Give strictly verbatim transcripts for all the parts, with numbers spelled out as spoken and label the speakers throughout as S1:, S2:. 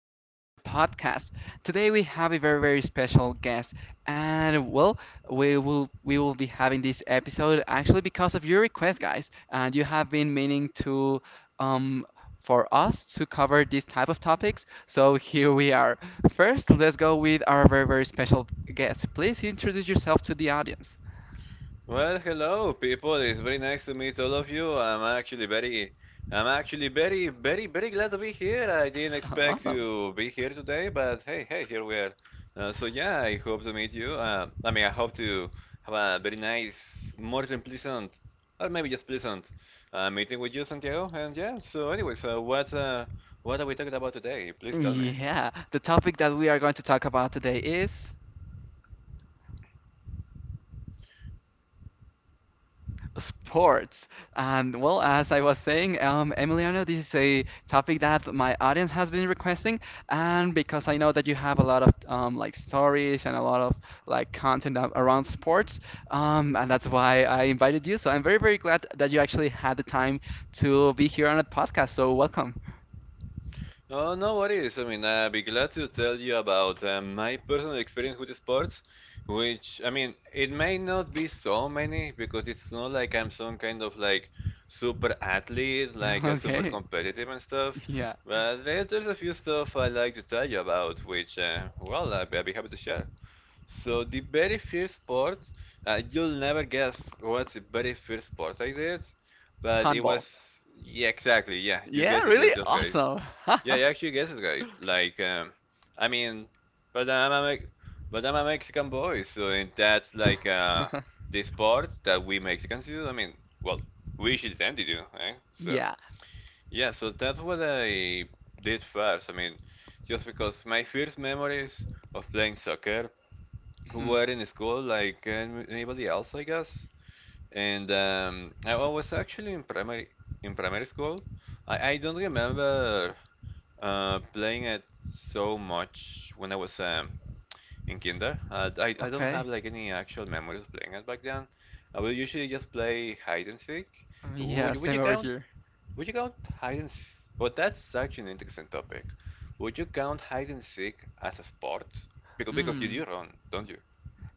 S1: episode on the podcast. Today we have a very, very special guest, and well, we will we will be having this episode actually because of your request, guys. And you have been meaning to um for us to cover these type of topics, so here we are. First, let's go with our very, very special guest. Please introduce yourself to the audience.
S2: Well, hello, people. It's very nice to meet all of you. I'm actually very, I'm actually very, very, very glad to be here. I didn't expect
S1: Awesome.
S2: to be here today, but hey, hey, here we are. Uh, so yeah, I hope to meet you. Um, I mean, I hope to have a very nice, more than pleasant, or maybe just pleasant, uh, meeting with you, Santiago. And yeah. So, anyways, uh, what, uh, what are we talking about today? Please tell me.
S1: Yeah, the topic that we are going to talk about today is. Sports. And well, as I was saying, um, Emiliano, this is a topic that my audience has been requesting, and because I know that you have a lot of um, like stories and a lot of like content a- around sports, um, and that's why I invited you. So I'm very, very glad that you actually had the time to be here on the podcast. So welcome.
S2: Oh, no worries. I mean, I'd be glad to tell you about uh, my personal experience with sports, which, I mean, it may not be so many because it's not like I'm some kind of like super athlete, like a super
S1: Okay.
S2: competitive and stuff.
S1: Yeah.
S2: But there- there's a few stuff I like to tell you about, which, uh, well, I'd be I'd be happy to share. So, the very first sport, uh, you'll never guess what's the very first sport I did, but it was,
S1: Handball.
S2: yeah, exactly, yeah, you
S1: Yeah,
S2: guessed
S1: really
S2: it, just guys.
S1: awesome.
S2: Yeah, you actually guess it right. Like, um, I mean, but I'm a Me- but I'm a Mexican boy, so it- that's like uh, the sport that we Mexicans do. I mean, well, we should tend to do, eh? So
S1: Yeah.
S2: yeah, so that's what I did first. I mean, just because my first memories of playing soccer
S1: Hmm.
S2: were in school, like an- anybody else, I guess. And um, I was actually in primary in primary school. I, I don't remember uh, playing it so much when I was um, in kinder. Uh, I, I don't have
S1: Okay.
S2: like any actual memories of playing it back then. I will usually just play hide and seek. Would
S1: Yeah,
S2: you, would
S1: same
S2: you
S1: over
S2: count?
S1: here.
S2: Would you count hide and? s- Well, that's such an interesting topic. Would you count hide and seek as a sport? Because because you
S1: Hmm.
S2: do run, don't you?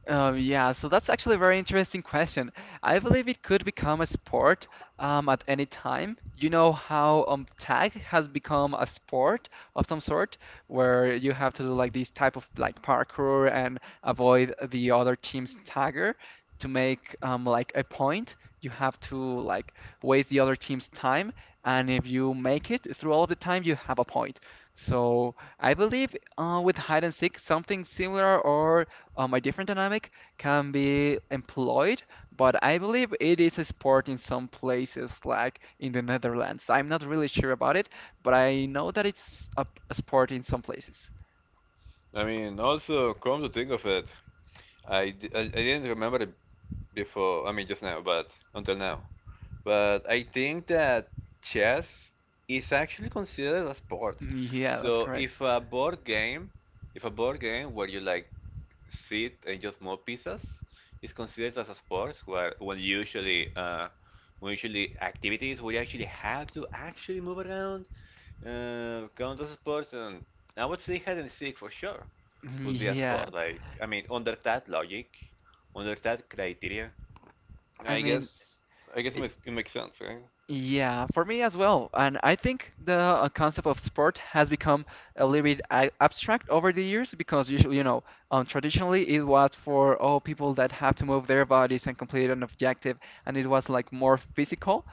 S1: Um, yeah, so that's actually a very interesting question. I believe it could become a sport um, at any time. You know how um, tag has become a sport of some sort, where you have to do like these type of like parkour and avoid the other team's tagger to make um, like a point. You have to like waste the other team's time, and if you make it through all of the time, you have a point. So I believe uh, with hide and seek, something similar or um, a different dynamic can be employed, but I believe it is a sport in some places, like in the Netherlands. I'm not really sure about it, but I know that it's a, a sport in some places.
S2: I mean, also come to think of it, I, d- I, I didn't remember it before. I mean, just now, but until now. But I think that chess is actually considered a sport.
S1: Mm, yeah, that's
S2: So
S1: correct.
S2: if a board game, if a board game where you like sit and just move pieces is considered as a sport, where when usually uh, when usually activities where you actually have to actually move around, uh, count as sports, and I would say hide and seek for sure
S1: Mm,
S2: would be a sport.
S1: yeah,
S2: Like I mean, under that logic, under that criteria,
S1: I
S2: I
S1: mean,
S2: guess I guess it
S1: it,
S2: makes, it makes sense, right?
S1: yeah, for me as well. And I think the uh, concept of sport has become a little bit a- abstract over the years because usually, you know, um, traditionally it was for all people that have to move their bodies and complete an objective, and it was like more physical.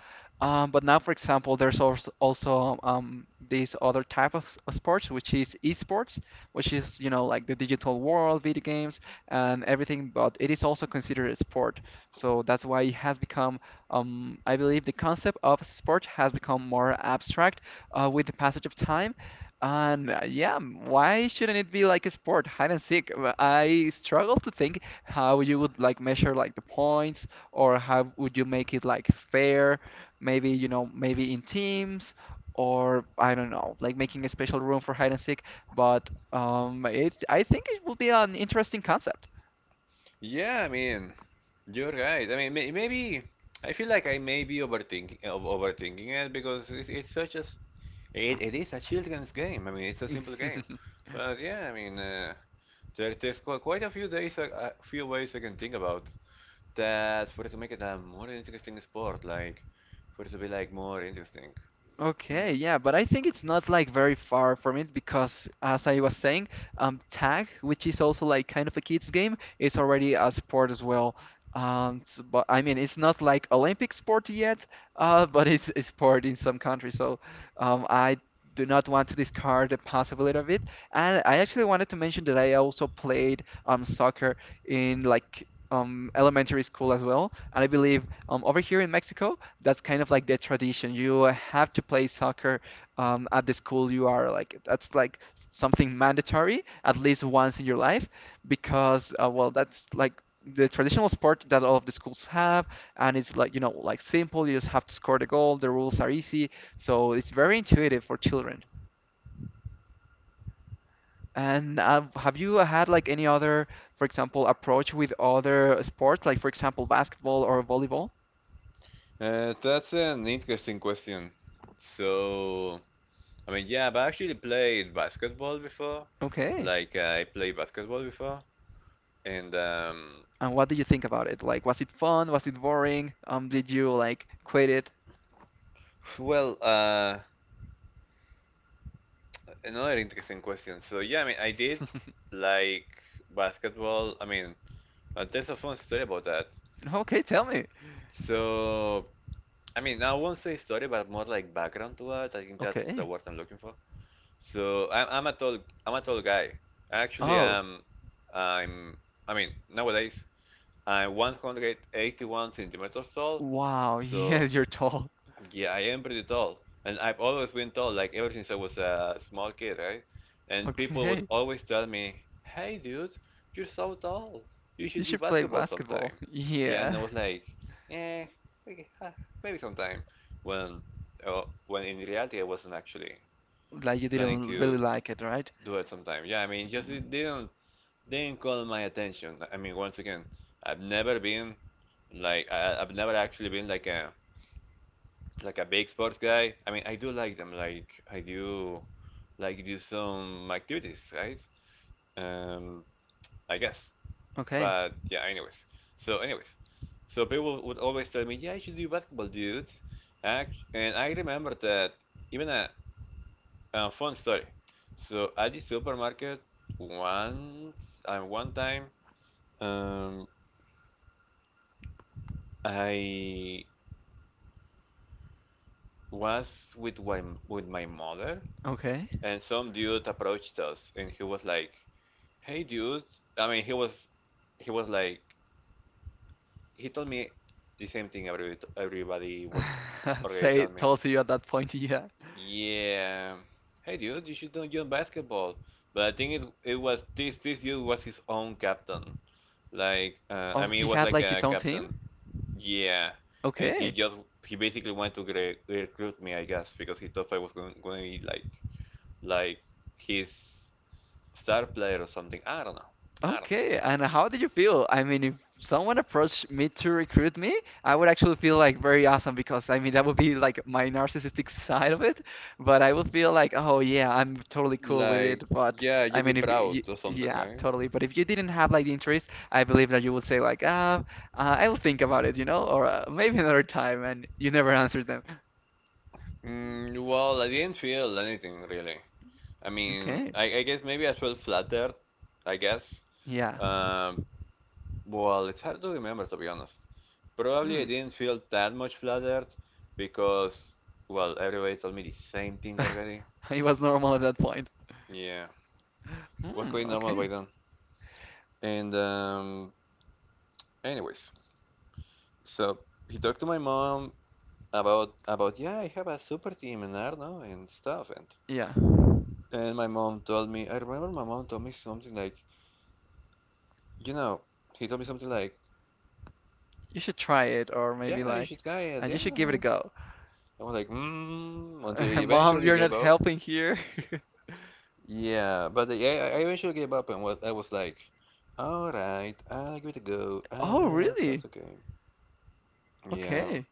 S1: Um, but now, for example, there's also also um, this other type of, s- of sports, which is esports, which is you know like the digital world, video games, and everything. But it is also considered a sport, so that's why it has become um, I believe the concept of sport has become more abstract uh, with the passage of time. And uh, yeah, why shouldn't it be like a sport, hide and seek? Uh, I struggle to think how you would like measure like the points or how would you make it like fair? Maybe, you know, maybe in teams or I don't know, like making a special room for hide and seek. But um, it, I think it would be an interesting concept.
S2: Yeah, I mean, you're right. I mean, may maybe I feel like I may be overthinking of overthinking it because it's, it's such a s- it, it is a children's game. I mean, it's a simple game, but yeah, I mean, uh, there, there's qu quite a few days a, a few ways I can think about that for it to make it a more interesting sport, like for it to be like more interesting. Hmm.
S1: Okay, yeah, but I think it's not like very far from it because, as I was saying, um, tag, which is also like kind of a kids game, is already a sport as well. Um, s- but I mean, it's not like Olympic sport yet, uh, but it's a sport in some countries. So, um, I do not want to discard the possibility of it. And I actually wanted to mention that I also played um soccer in like um elementary school as well, and I believe um over here in Mexico that's kind of like the tradition. You have to play soccer um, at the school you are. Like that's like something mandatory at least once in your life because uh, well, that's like the traditional sport that all of the schools have, and it's like you know like simple. You just have to score the goal. The rules are easy, so it's very intuitive for children. And uh, have you had like any other, for example, approach with other sports, like for example, basketball or volleyball?
S2: Uh, that's an interesting question. So. I mean, yeah, but I actually played basketball before.
S1: Okay.
S2: Like, uh, I played basketball before. And, um,
S1: And what did you think about it? Like, was it fun? Was it boring? Um, did you like quit it?
S2: well, uh, another interesting question. So, yeah, I mean, I did like basketball. I mean, uh, there's a fun story about that.
S1: Okay, tell me.
S2: So, I mean, I won't say story, but more like background to that. I think that's the
S1: Okay.
S2: word I'm looking for. So, I'm, I'm a tall, I'm a tall guy. Actually,
S1: Oh,
S2: um, I'm, I mean, nowadays. I'm one hundred eighty-one centimeters tall,
S1: wow.
S2: so
S1: Yes, you're tall.
S2: yeah, I am pretty tall. And I've always been tall, like ever since I was a small kid, right? And people would
S1: Okay.
S2: always tell me, "Hey, dude, you're so tall. You
S1: You
S2: should do
S1: should play
S2: basketball
S1: basketball.
S2: sometime." Yeah, and I
S1: Yeah.
S2: was like, "Eh, okay, huh, maybe sometime." When, uh, when in reality, I wasn't actually
S1: Like you
S2: planning
S1: didn't
S2: to
S1: really like it, right?
S2: do it sometime. Yeah, I mean, just
S1: Mhm.
S2: it didn't didn't call my attention. I mean, once again, I've never been like I, I- have never actually been like a like a big sports guy. I mean, I do like them. Like I do like do some activities, right? Um, I guess.
S1: Okay.
S2: But yeah, anyways. So anyways, so people would always tell me, yeah, you should do basketball, dude. Act- And I remember that even a, a fun story. So at the supermarket once and one time, um, I was with my with my mother
S1: Okay.
S2: and some dude approached us and he was like hey dude I mean he was he was like he told me the same thing every, everybody would already
S1: Say
S2: tell me
S1: tall to you at that point, yeah.
S2: yeah hey dude you should don't join basketball but I think it, it was this this dude was his own captain like uh, I
S1: Oh,
S2: mean
S1: he
S2: it was
S1: had
S2: like
S1: like his
S2: a
S1: own team?
S2: captain yeah and he
S1: Okay.
S2: just he basically wanted to gre- recruit me I guess because he thought I was going, going to be like like his star player or something. I don't know. I don't
S1: Okay, and how did you feel? I mean, if someone approached me to recruit me, I would actually feel like very awesome because I mean that would be like my narcissistic side of it, but I would feel like, oh yeah, I'm totally
S2: know.
S1: cool with it.
S2: Like,
S1: But
S2: yeah,
S1: I
S2: you'd be
S1: mean, if
S2: proud
S1: you,
S2: or something,
S1: yeah,
S2: right?
S1: totally. But if you didn't have like the interest, I believe that you would say like, ah, uh, I will think about it, you know, or uh, maybe another time, and you never answered them.
S2: Mm, well, I didn't feel anything really. I mean,
S1: Okay,
S2: I, I guess maybe I felt flattered. I guess.
S1: yeah,
S2: Um, well, it's hard to remember to be honest. Probably
S1: hmm,
S2: I didn't feel that much flattered because, well, everybody told me the same thing already.
S1: it was normal at that point.
S2: Yeah, was
S1: Hmm,
S2: quite normal by
S1: okay,
S2: then. And um, anyways, so he talked to my mom about about yeah, I have a super team in Arno and stuff and
S1: yeah.
S2: and my mom told me I remember my mom told me something like, you know, he told me something like,
S1: You should try it, or maybe
S2: Yeah, you
S1: like,
S2: should try
S1: uh,
S2: it,
S1: you
S2: yeah
S1: should give it a
S2: well
S1: go.
S2: I was like, mm, until I
S1: Mom,
S2: eventually
S1: you're
S2: gave
S1: not
S2: up.
S1: helping here.
S2: Yeah, but yeah, I I eventually gave up and was I was like, all right, I'll give it a go.
S1: Oh,
S2: Uh,
S1: really?
S2: that's okay. Yeah.
S1: Okay.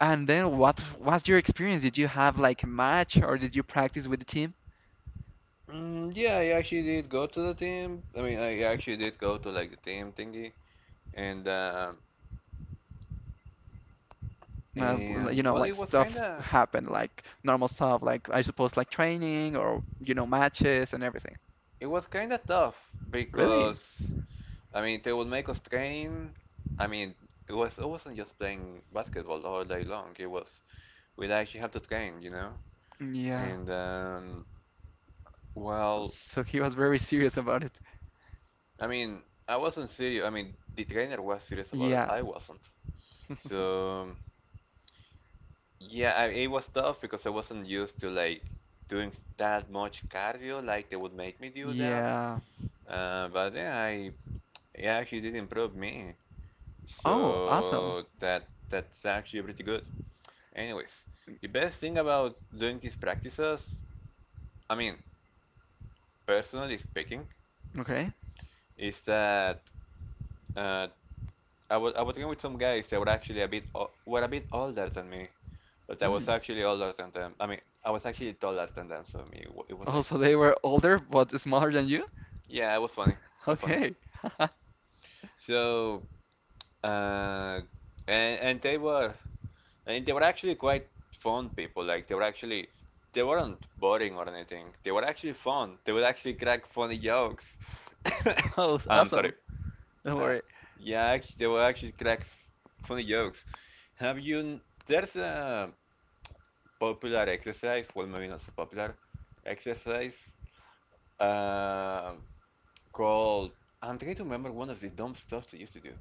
S1: And then what what's your experience? Did you have like a match or did you practice with the team?
S2: Mm, yeah, I actually did go to the team. I mean, I actually did go to like the team thingy, and uh,
S1: Uh, l-
S2: and
S1: you know,
S2: well, it
S1: like
S2: was
S1: stuff
S2: kinda
S1: happened, like normal stuff, like I suppose like training or you know matches and everything.
S2: It was kind of tough
S1: Really?
S2: because I mean they would make us train. I mean it was it wasn't just playing basketball all day long. It was we'd actually have to train, you know.
S1: Yeah.
S2: And um, well,
S1: So he was very serious about it.
S2: I mean I wasn't serious. I mean the trainer was serious about it.
S1: Yeah.
S2: I wasn't. So yeah, I, it was tough because I wasn't used to like doing that much cardio like they would make me do that.
S1: Yeah.
S2: Uh, but yeah, I it actually did improve me.
S1: Oh, awesome.
S2: So that that's actually pretty good. Anyways, the best thing about doing these practices, I mean, personally speaking,
S1: Okay.
S2: is that uh, I was I was talking with some guys that were actually a bit o- were a bit older than me, but I was
S1: Mm.
S2: actually older than them. I mean, I was actually taller than them, so me it wa- it was
S1: Oh,
S2: like
S1: so they were older but smaller than you?
S2: yeah, it was funny, it was funny.
S1: Okay.
S2: So uh, and and they were And they were actually quite fun people. Like they were actually, they weren't boring or anything. They were actually fun. They would actually crack funny jokes.
S1: Oh,
S2: I'm sorry.
S1: awesome. Don't
S2: Uh,
S1: worry.
S2: yeah, actually, they were actually cracks funny jokes. Have you? n- There's a popular exercise. Well, maybe not so popular exercise. Uh, called. I'm trying to remember one of the dumb stuff they used to do.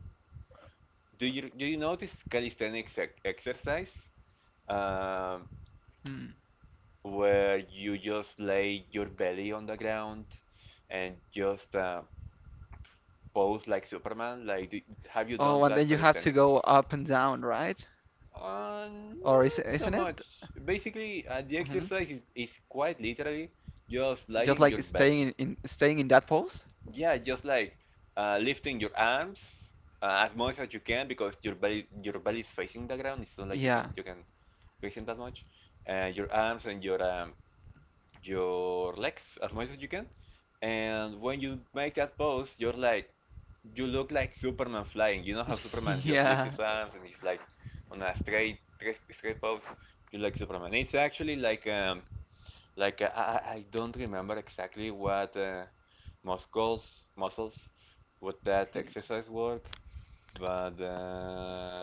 S2: Do you do you know this calisthenics ex exercise? Um,
S1: Hmm.
S2: where you just lay your belly on the ground and just uh, pose like Superman? Like, do, have you done
S1: Oh, and
S2: that
S1: then you have to
S2: calisthenics?
S1: go up and down, right?
S2: Uh,
S1: Or is
S2: not so
S1: isn't it?
S2: much. Basically, uh, the
S1: Hmm.
S2: exercise is, is quite literally just
S1: Just
S2: lying
S1: like
S2: your back.
S1: staying in, in staying in that pose?
S2: Yeah, just like uh, lifting your arms uh, as much as you can because your belly your belly is facing the ground. It's not like you
S1: Yeah.
S2: can you can raise them that much. And your arms and your um, your legs as much as you can. And when you make that pose, you're like, you look like Superman flying. You know how Superman just lifts
S1: Yeah.
S2: his arms and he's like on a straight, straight, straight pose. You look like Superman. It's actually like, um, like uh, I, I don't remember exactly what uh, muscles, muscles, what that
S1: Hmm.
S2: exercise work, but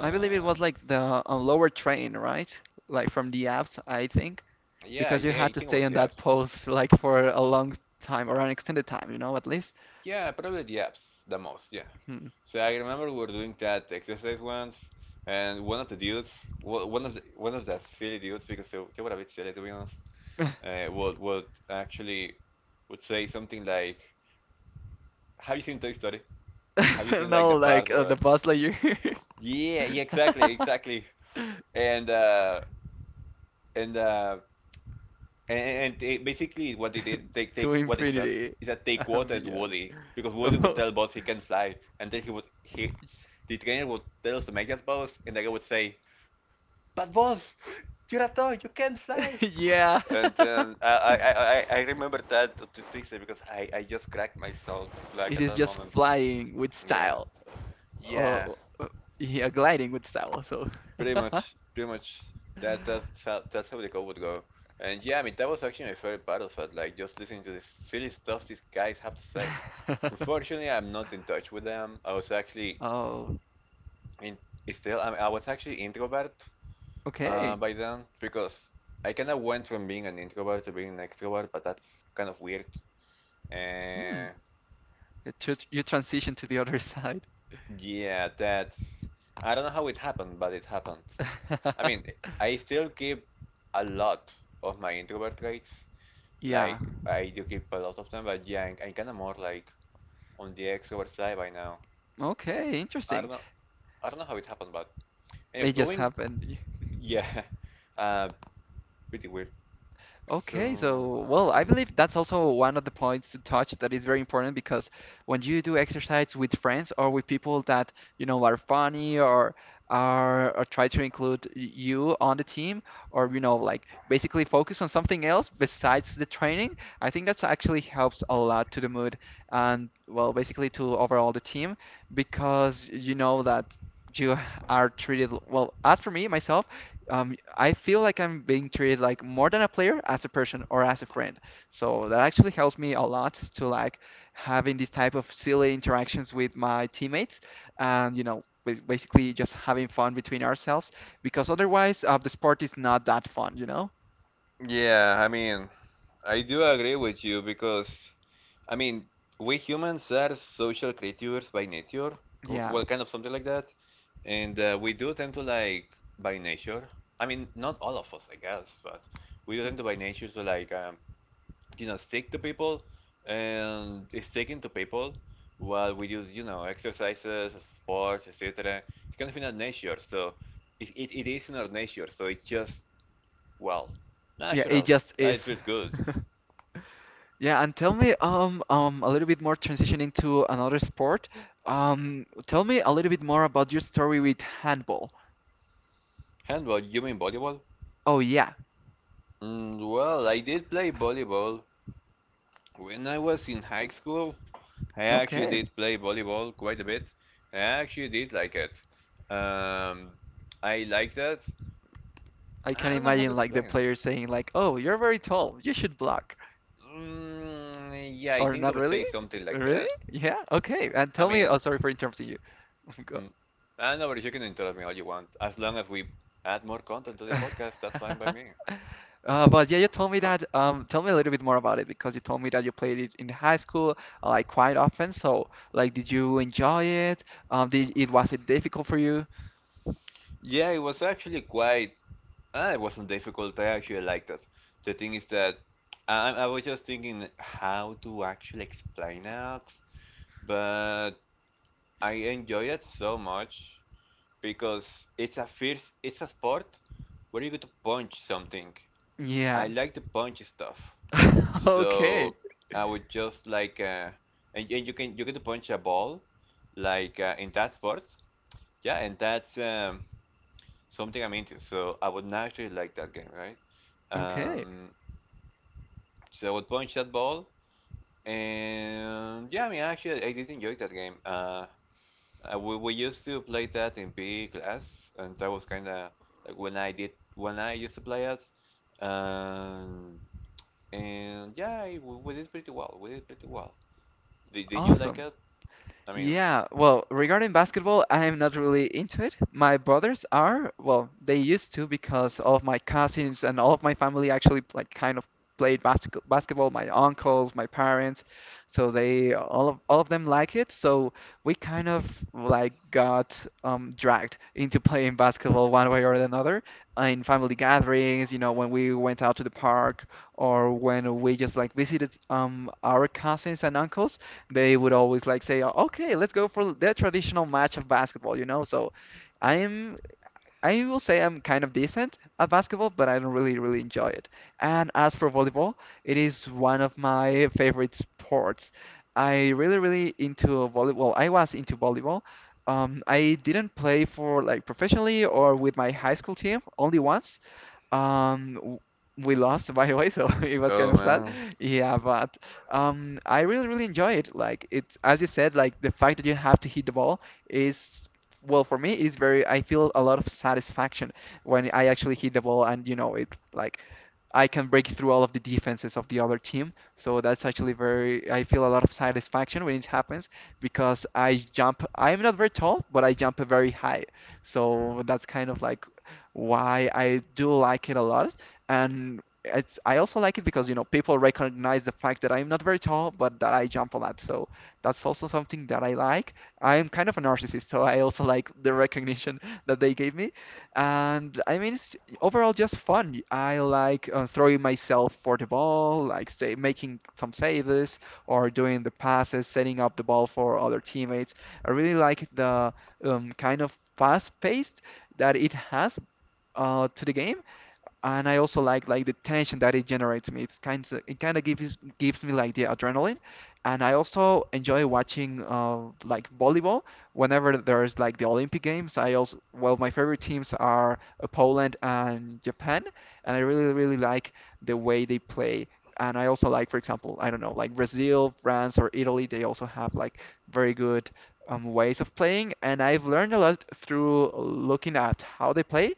S1: I believe it was like the uh, lower train, right? Like from the apps, I think,
S2: yeah, I,
S1: because you
S2: thi-
S1: had
S2: I
S1: to
S2: think it
S1: stay
S2: works
S1: in
S2: the
S1: that
S2: abs.
S1: pose like for a long time or an extended time, you know, at least.
S2: Yeah, probably the apps the most, yeah.
S1: Hmm.
S2: So I remember we were doing that exercise once, and one of the dudes, wa- one of the, one of the silly dudes, because they, they were a bit silly to be honest, uh, would would actually would say something like, "Have you seen Toy Story? Have you seen like
S1: No,
S2: the part
S1: like uh, the
S2: where?"
S1: bus layer.
S2: Yeah, yeah, exactly, exactly. And uh, and uh, And, and they, basically, what they did, they they
S1: To
S2: what they said
S1: infinity
S2: is that they
S1: and
S2: quoted
S1: beyond.
S2: Woody because Woody would
S1: Oh,
S2: tell Buzz he can fly, and then he would he, the trainer would tell us to make that pose, and the guy would say, "But Buzz, you're a toy, you can't fly."
S1: yeah.
S2: And then I I I, I I remember that to this day because I I just cracked myself like
S1: It
S2: at
S1: is
S2: that
S1: just
S2: moment.
S1: flying with
S2: Yeah,
S1: style. Or,
S2: yeah.
S1: or- yeah, gliding with style. So.
S2: Pretty much, pretty much. That that felt that's how the code would go. And yeah, I mean that was actually my favorite battlefield, like just listening to this silly stuff these guys have to say. Unfortunately, I'm not in touch with them. I was actually
S1: Oh,
S2: in still. I, I was actually introvert uh,
S1: okay.
S2: by then because I kind of went from being an introvert to being an extrovert, but that's kind of weird.
S1: Hmm.
S2: And
S1: You, tr you transition to the other side.
S2: yeah, that's, I don't know how it happened, but it happened. I mean, I still keep a lot of my introvert traits.
S1: Yeah.
S2: Like, I do keep a lot of them, but yeah, I'm, I'm kind of more like on the extrovert side by now.
S1: Okay,
S2: I
S1: interesting.
S2: don't know, I don't know how it happened, but anyways,
S1: It just
S2: going,
S1: happened.
S2: yeah, uh, pretty weird.
S1: Okay,
S2: So,
S1: so well, I
S2: mm,
S1: believe that's also one of the points to touch that is very important because when you do exercise with friends or with people that you know are funny or are or try to include y- you on the team or you know like basically focus on something else besides the training, I think that's actually helps a lot to the mood and well, basically to overall the team because you know that you are treated well. As for me myself um, I feel like I'm being treated like more than a player as a person or as a friend. So that actually helps me a lot to like having these type of silly interactions with my teammates and you know bas- basically just having fun between ourselves because otherwise uh, the sport is not that fun, you know?
S2: yeah, I mean, I do agree with you because, I mean, we humans are social creatures by nature, co-
S1: Yeah.
S2: well, kind of something like that, and uh, we do tend to like by nature. I mean, not all of us, I guess, but we do
S1: Mhm.
S2: tend to by nature to like. Um, you know, stick to people, and sticking to people while we use, you know, exercises, sports, etc., it's kind of in our nature, so it, it, it is in our nature, so it's just, well,
S1: Yeah, it
S2: natural
S1: just
S2: that it
S1: is.
S2: feels good.
S1: Yeah, and tell me um um a little bit more transitioning to another sport. Um, tell me a little bit more about your story with handball.
S2: Handball? You mean volleyball.
S1: Oh yeah.
S2: Mm, well, I did play volleyball when I was in high school. I actually
S1: Okay.
S2: did play volleyball quite a bit. I actually did like it. um, I liked it.
S1: I can
S2: I don't know how to
S1: imagine like the
S2: explain it.
S1: player saying like, "Oh, you're very tall. You should block."
S2: Mm, yeah, I
S1: Or
S2: think they
S1: not
S2: would say
S1: really?
S2: something like
S1: Really?
S2: that.
S1: Yeah. Okay. And
S2: I
S1: tell me.
S2: mean,
S1: Oh, sorry for interrupting you. Go-
S2: mm, I know, but you can interrupt me all you want. As long as we add more content to the podcast, that's fine by me.
S1: Uh, but yeah, you told me that. Um, tell me a little bit more about it because you told me that you played it in high school, uh, like quite often. So, like, did you enjoy it? Um, did it was it difficult for you?
S2: Yeah, it was actually quite. Uh, it wasn't difficult. I actually liked it. The thing is that I, I was just thinking how to actually explain it, but I enjoy it so much because it's a fierce. It's a sport where you get to punch something. I
S1: Yeah.
S2: like to punch stuff.
S1: Okay.
S2: So I would just like uh, and, and you can you can punch a ball like uh, in that sport, yeah, and that's um, something I'm into. So I would naturally like that game, right?
S1: Okay.
S2: Um, so I would punch that ball, and yeah, I mean actually I did enjoy that game. Uh, uh, we we used to play that in P E class, and that was kind of like when I did when I used to play it, um, and yeah, I- we, we did pretty well. We did pretty well. Did, did you like
S1: Awesome.
S2: it? I mean,
S1: Yeah, well, regarding basketball, I am not really into it. My brothers are, well, they used to because all of my cousins and all of my family actually like kind of played basket basketball, my uncles, my parents, so they all of all of them like it. So we kind of like got um dragged into playing basketball one way or another uh, in family gatherings, you know, when we went out to the park or when we just like visited um our cousins and uncles. They would always like say, "Okay, let's go for the traditional match of basketball," you know. So I am, I will say I'm kind of decent at basketball, but I don't really, really enjoy it. And as for volleyball, it is one of my favorite sports. I really, really into volleyball. I was into volleyball. Um, I didn't play for like professionally or with my high school team, only once. Um, w- we lost, by the way, so it was
S2: oh
S1: kind of sad.
S2: man,
S1: Yeah, but um, I really, really enjoy it. Like it's as you said, like the fact that you have to hit the ball is, well, for me, it's very. I feel a lot of satisfaction when I actually hit the ball, and you know, it like I can break through all of the defenses of the other team. So that's actually very. I feel a lot of satisfaction when it happens because I jump. I'm not very tall, but I jump very high. So that's kind of like why I do like it a lot. And it's, I also like it because, you know, people recognize the fact that I'm not very tall, but that I jump a lot. So that's also something that I like. I'm kind of a narcissist, so I also like the recognition that they gave me. And I mean, it's overall just fun. I like uh, throwing myself for the ball, like say making some saves or doing the passes, setting up the ball for other teammates. I really like the um, kind of fast-paced that it has, uh, to the game, and I also like like the tension that it generates me. It's kind of it kind of gives gives me like the adrenaline, and I also enjoy watching uh, like volleyball whenever there's like the Olympic Games. I also well my favorite teams are uh, Poland and Japan, and I really really like the way they play. And I also like, for example, I don't know, like Brazil, France, or Italy. They also have like very good um, ways of playing, and I've learned a lot through looking at how they play,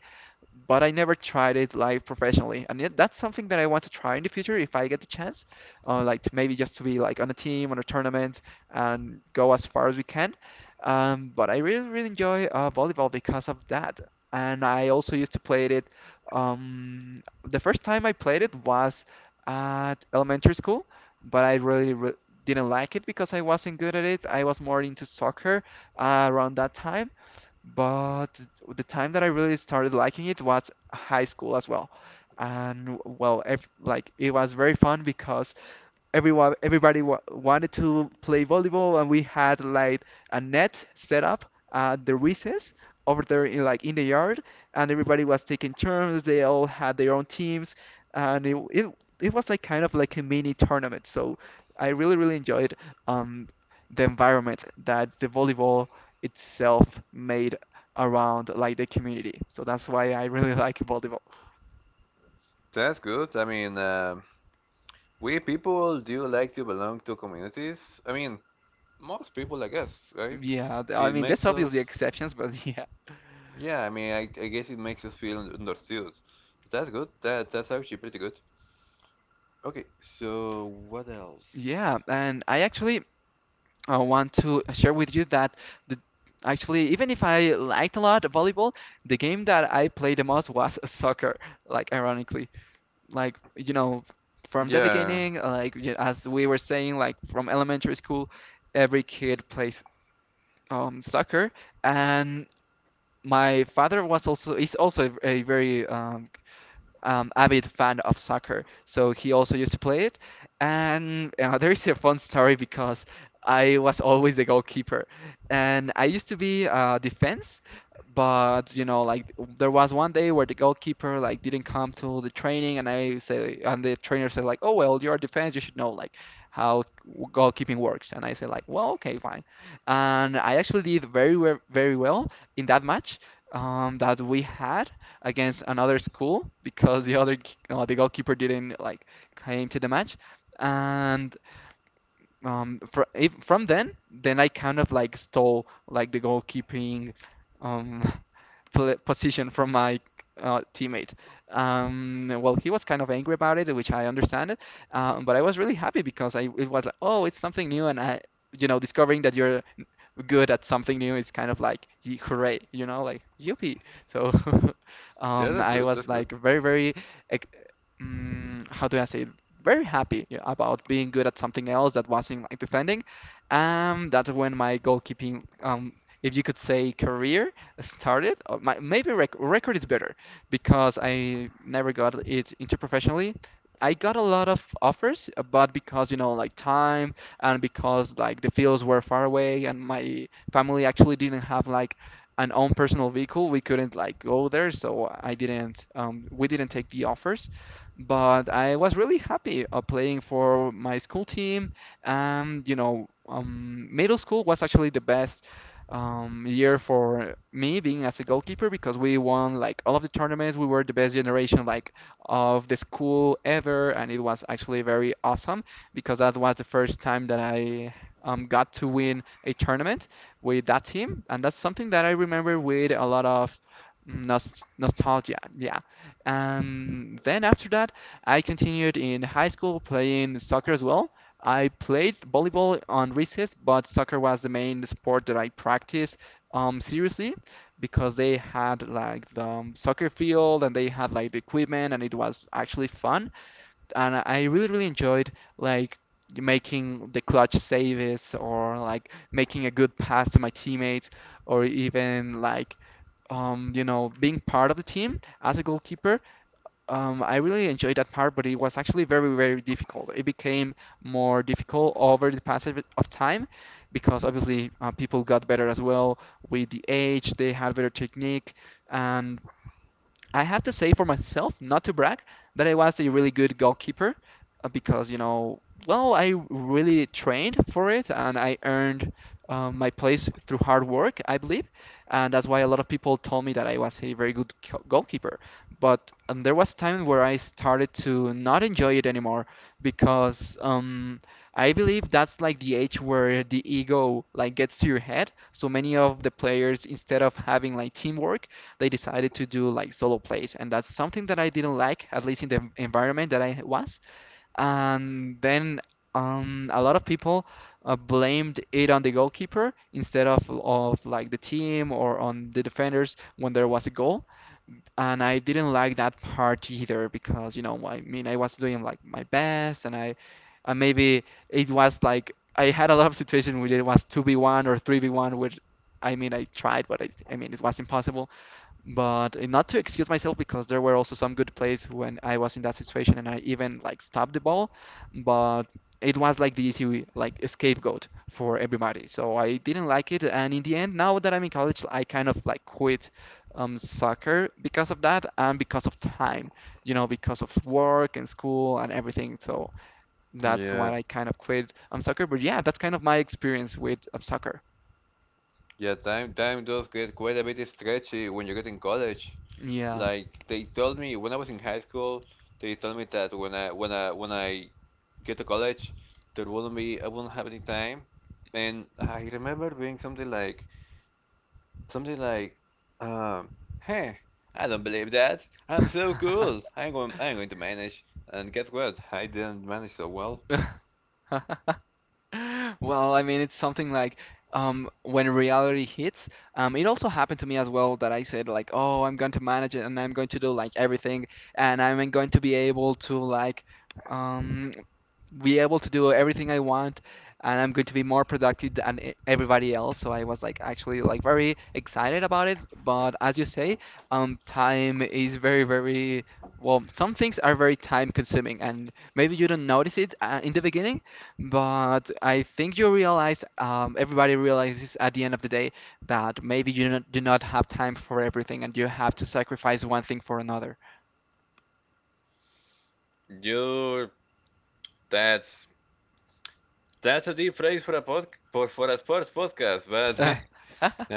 S1: but I never tried it like professionally, and yet that's something that I want to try in the future if I get the chance, uh, like to maybe just to be like on a team, on a tournament, and go as far as we can. Um, but I really, really enjoy uh, volleyball because of that, and I also used to play it. Um, the first time I played it was at elementary school, but I really, re didn't like it because I wasn't good at it. I was more into soccer uh, around that time. But the time that I really started liking it was high school as well. And well, ev like it was very fun because everyone everybody wa wanted to play volleyball, and we had like a net set up at the recess over there in like in the yard, and everybody was taking turns. They all had their own teams, and it it, it was like kind of like a mini tournament, so I really really enjoyed um the environment that the volleyball itself made around like the community. So that's why I really like volleyball.
S2: that's good. I mean, um we people do like to belong to communities. I mean, most people, I guess, right?
S1: yeah th- I
S2: It
S1: mean that's
S2: makes us,
S1: obviously exceptions, but yeah.
S2: yeah. I mean, I, I guess it makes us feel understood. That's good. That that's actually pretty good. Okay, so what else?
S1: Yeah, and I actually I want to share with you that the, actually, even if I liked a lot volleyball, the game that I played the most was soccer, like ironically. Like, you know, from the
S2: Yeah,
S1: beginning, like y- as we were saying, like from elementary school, every kid plays um, soccer, and my father was also is also a very um, um, avid fan of soccer, so he also used to play it. And uh, there is a fun story because I was always the goalkeeper, and I used to be uh, defense. But you know, like there was one day where the goalkeeper like didn't come to the training, and I say, and the trainer said like, "Oh well, you're defense, you should know like how goalkeeping works." And I say like, "Well, okay, fine." And I actually did very, we- very well in that match um, that we had against another school because the other k- uh, the goalkeeper didn't like came to the match, and um fr if, from then then I kind of like stole like the goalkeeping um pl position from my uh, teammate. Um well, he was kind of angry about it, which I understand it. Um but I was really happy because I it was like, oh, it's something new, and I, you know, discovering that you're good at something new, it's kind of like, "Ye- hooray, you know, like yippee." So
S2: yeah,
S1: um,
S2: that's
S1: I
S2: good.
S1: was
S2: That's good.
S1: like very, very, ex- mm, how do I say it? Very happy, yeah, about being good at something else that wasn't like defending. Um, that's when my goalkeeping, um, if you could say, career started. Or my, maybe rec record is better because I never got it into professionally. I got a lot of offers, uh, but because you know, like time and because like the fields were far away and my family actually didn't have like an own personal vehicle, we couldn't like go there, so I didn't um, we didn't take the offers. But I was really happy uh, playing for my school team, and you know, um, middle school was actually the best um, year for me being as a goalkeeper because we won like all of the tournaments. We were the best generation like of the school ever, and it was actually very awesome because that was the first time that I um, got to win a tournament with that team, and that's something that I remember with a lot of nos- nostalgia. Yeah. Um, then after that, I continued in high school playing soccer as well. I played volleyball on recess, but soccer was the main sport that I practiced um, seriously because they had like the um, soccer field, and they had like the equipment, and it was actually fun, and I I really really enjoyed like making the clutch saves, or like making a good pass to my teammates, or even like um you know being part of the team as a goalkeeper. Um, I really enjoyed that part, but it was actually very very difficult. It became more difficult over the passage of time because obviously uh, people got better as well with the age. They had better technique, and I have to say for myself, not to brag, that I was a really good goalkeeper uh, because, you know, well, I really trained for it, and I earned um, my place through hard work, I believe. And that's why a lot of people told me that I was a very good co- goalkeeper. But um, there was time where I started to not enjoy it anymore because um, I believe that's like the age where the ego like gets to your head. So many of the players, instead of having like teamwork, they decided to do like solo plays, and that's something that I didn't like, at least in the environment that I was. And then um, a lot of people uh, blamed it on the goalkeeper instead of of like the team, or on the defenders when there was a goal. And I didn't like that part either because, you know, I mean, I was doing like my best, and I and maybe it was like I had a lot of situations where it was two v one or three v one, which I mean I tried, but I, I mean it was impossible. But uh, not to excuse myself because there were also some good plays when I was in that situation and I even like stopped the ball, but it was like the easy like scapegoat for everybody. So I didn't like it, and in the end, now that I'm in college, I kind of like quit um soccer because of that and because of time, you know, because of work and school and everything. So that's
S2: Yeah,
S1: why I kind of quit um soccer. But yeah, that's kind of my experience with um soccer.
S2: yeah. Time time does get quite a bit stretchy when you get in college.
S1: Yeah.
S2: Like they told me when I was in high school, they told me that when I when I when I get to college, there wouldn't be, I wouldn't have any time. And I remember being something like something like, um, hey, I don't believe that. I'm so cool. I'm going I'm going to manage. And guess what? I didn't manage so well.
S1: Well, I mean, it's something like um, when reality hits. Um, it also happened to me as well that I said like, "Oh, I'm going to manage it, and I'm going to do like everything, and I'm going to be able to like um, be able to do everything I want, and I'm going to be more productive than e- everybody else." So I was like actually like very excited about it. But as you say, um, time is very, very well. Some things are very time consuming, and maybe you don't notice it uh, in the beginning, but I think you realize, um, everybody realizes at the end of the day that maybe you do not, do not have time for everything, and you have to sacrifice one thing for another.
S2: You that's that's a deep phrase for a pod for, for a sports podcast,
S1: Uh,
S2: but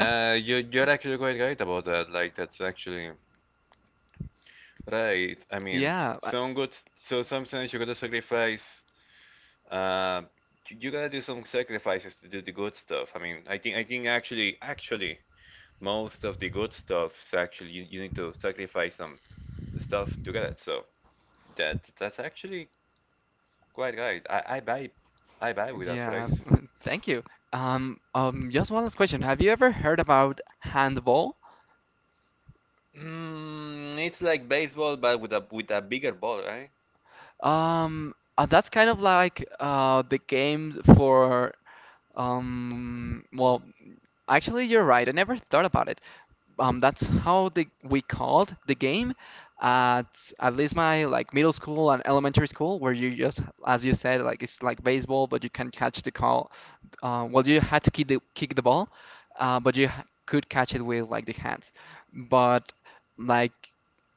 S2: uh, you you're actually quite right about that. Like that's actually right. I mean,
S1: yeah.
S2: some good. So sometimes you gotta sacrifice. Uh, you you gotta do some sacrifices to do the good stuff. I mean, I think I think actually actually most of the good stuff is actually, you, you need to sacrifice some stuff to get it. So that that's actually quite right. I, I buy I buy with that
S1: Yeah,
S2: phrase.
S1: thank you. Um, um, just one last question. Have you ever heard about handball?
S2: Mm, it's like baseball, but with a with a bigger ball, right?
S1: Um, uh, that's kind of like uh the games for um well, actually you're right. I never thought about it. Um, that's how the we called the game at at least my like middle school and elementary school, where you just, as you said, like it's like baseball but you can catch the call. Uh, well, you had to kick the kick the ball, uh, but you ha- could catch it with like the hands, but like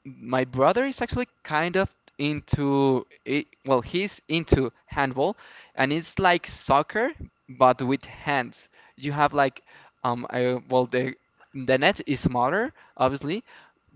S1: my brother is actually kind of into it. Well, he's into handball, and it's like soccer but with hands. You have like um I, well the the net is smaller, obviously,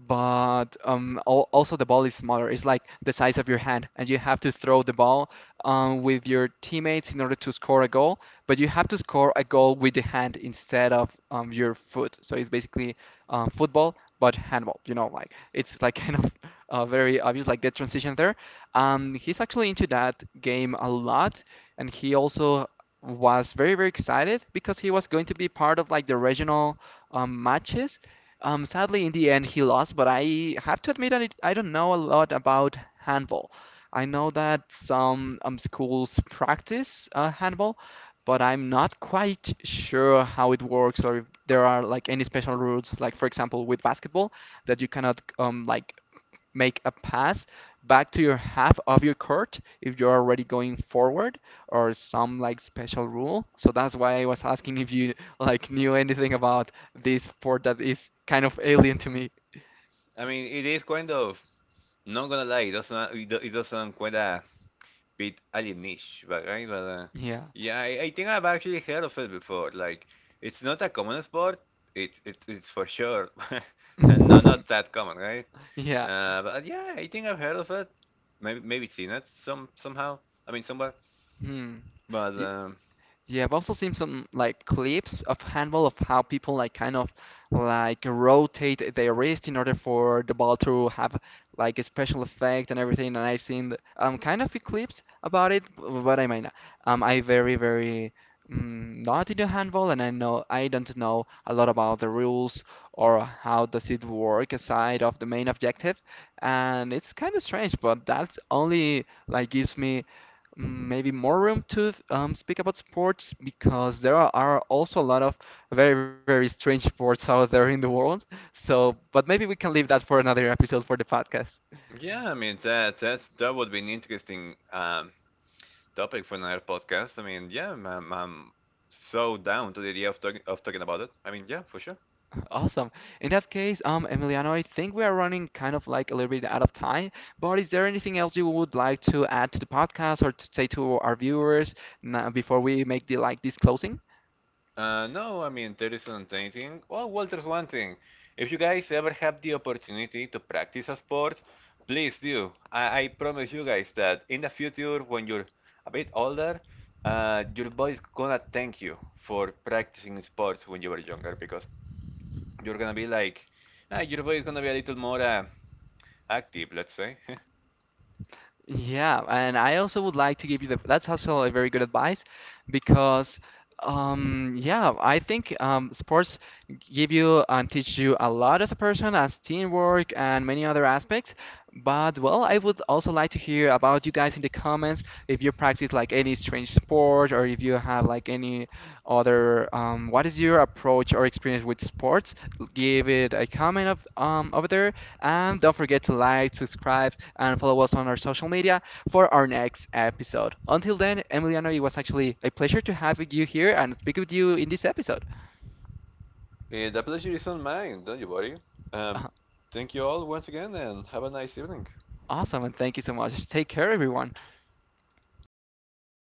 S1: but um, al also the ball is smaller. It's like the size of your hand, and you have to throw the ball um, with your teammates in order to score a goal. But you have to score a goal with the hand instead of um, your foot. So it's basically um, football, but handball. You know, like it's like kind of uh, very obvious, like the transition there. Um, he's actually into that game a lot, and he also was very very excited because he was going to be part of like the regional um, matches. Um, sadly, in the end, he lost, but I have to admit that it, I don't know a lot about handball. I know that some um, schools practice uh, handball, but I'm not quite sure how it works, or if there are like any special rules, like for example with basketball, that you cannot um, like make a pass back to your half of your court if you're already going forward, or some like special rule. So that's why I was asking if you like knew anything about this sport that is kind of alien to me.
S2: I mean, it is kind of. Not gonna lie, it doesn't, it do- it doesn't quite bit alienish, but right? But uh,
S1: Yeah.
S2: yeah, I, I think I've actually heard of it before. Like, it's not a common sport. It, it it's for sure, and no, not that common, right?
S1: Yeah.
S2: Uh, but yeah, I think I've heard of it. Maybe maybe seen it some somehow. I mean somewhere.
S1: Hmm.
S2: But um,
S1: Yeah, I've also seen some like clips of handball, of how people like kind of like rotate their wrist in order for the ball to have like a special effect and everything. And I've seen th- um kind of few clips about it, b- but I mean, um, I very very mm, not into handball, and I know I don't know a lot about the rules or how does it work aside of the main objective. And it's kind of strange, but that's only like gives me, mm, maybe more room to um, speak about sports, because there are are also a lot of very, very strange sports out there in the world. So, but maybe we can leave that for another episode for the podcast.
S2: yeah, I mean that that's that would be an interesting um topic for another podcast. I mean, yeah, I'm, I'm so down to the idea of talking of talking about it. I mean, yeah, for sure.
S1: Awesome. In that case, um, Emiliano, I think we are running kind of like a little bit out of time, but is there anything else you would like to add to the podcast or to say to our viewers na- before we make the like this closing?
S2: Uh, no, I mean, there isn't anything. Oh, well, there's one thing. If you guys ever have the opportunity to practice a sport, please do. I, I promise you guys that in the future, when you're a bit older, uh, your body's gonna thank you for practicing sports when you were younger because you're gonna be like, ah, your body's gonna be a little more uh, active, let's say.
S1: Yeah, and I also would like to give you the that's also a very good advice, because um yeah, I think um sports give you and teach you a lot as a person, as teamwork and many other aspects. But well, I would also like to hear about you guys in the comments if you practice like any strange sport, or if you have like any other um what is your approach or experience with sports? Give it a comment of um over there, and don't forget to like, subscribe, and follow us on our social media for our next episode. Until then, Emiliano, it was actually a pleasure to have you here and speak with you in this episode.
S2: Eh, the pleasure is on mine, don't you worry. Um,
S1: Uh,
S2: thank you all once again and have a nice evening.
S1: Awesome, and thank you so much. Take care, everyone.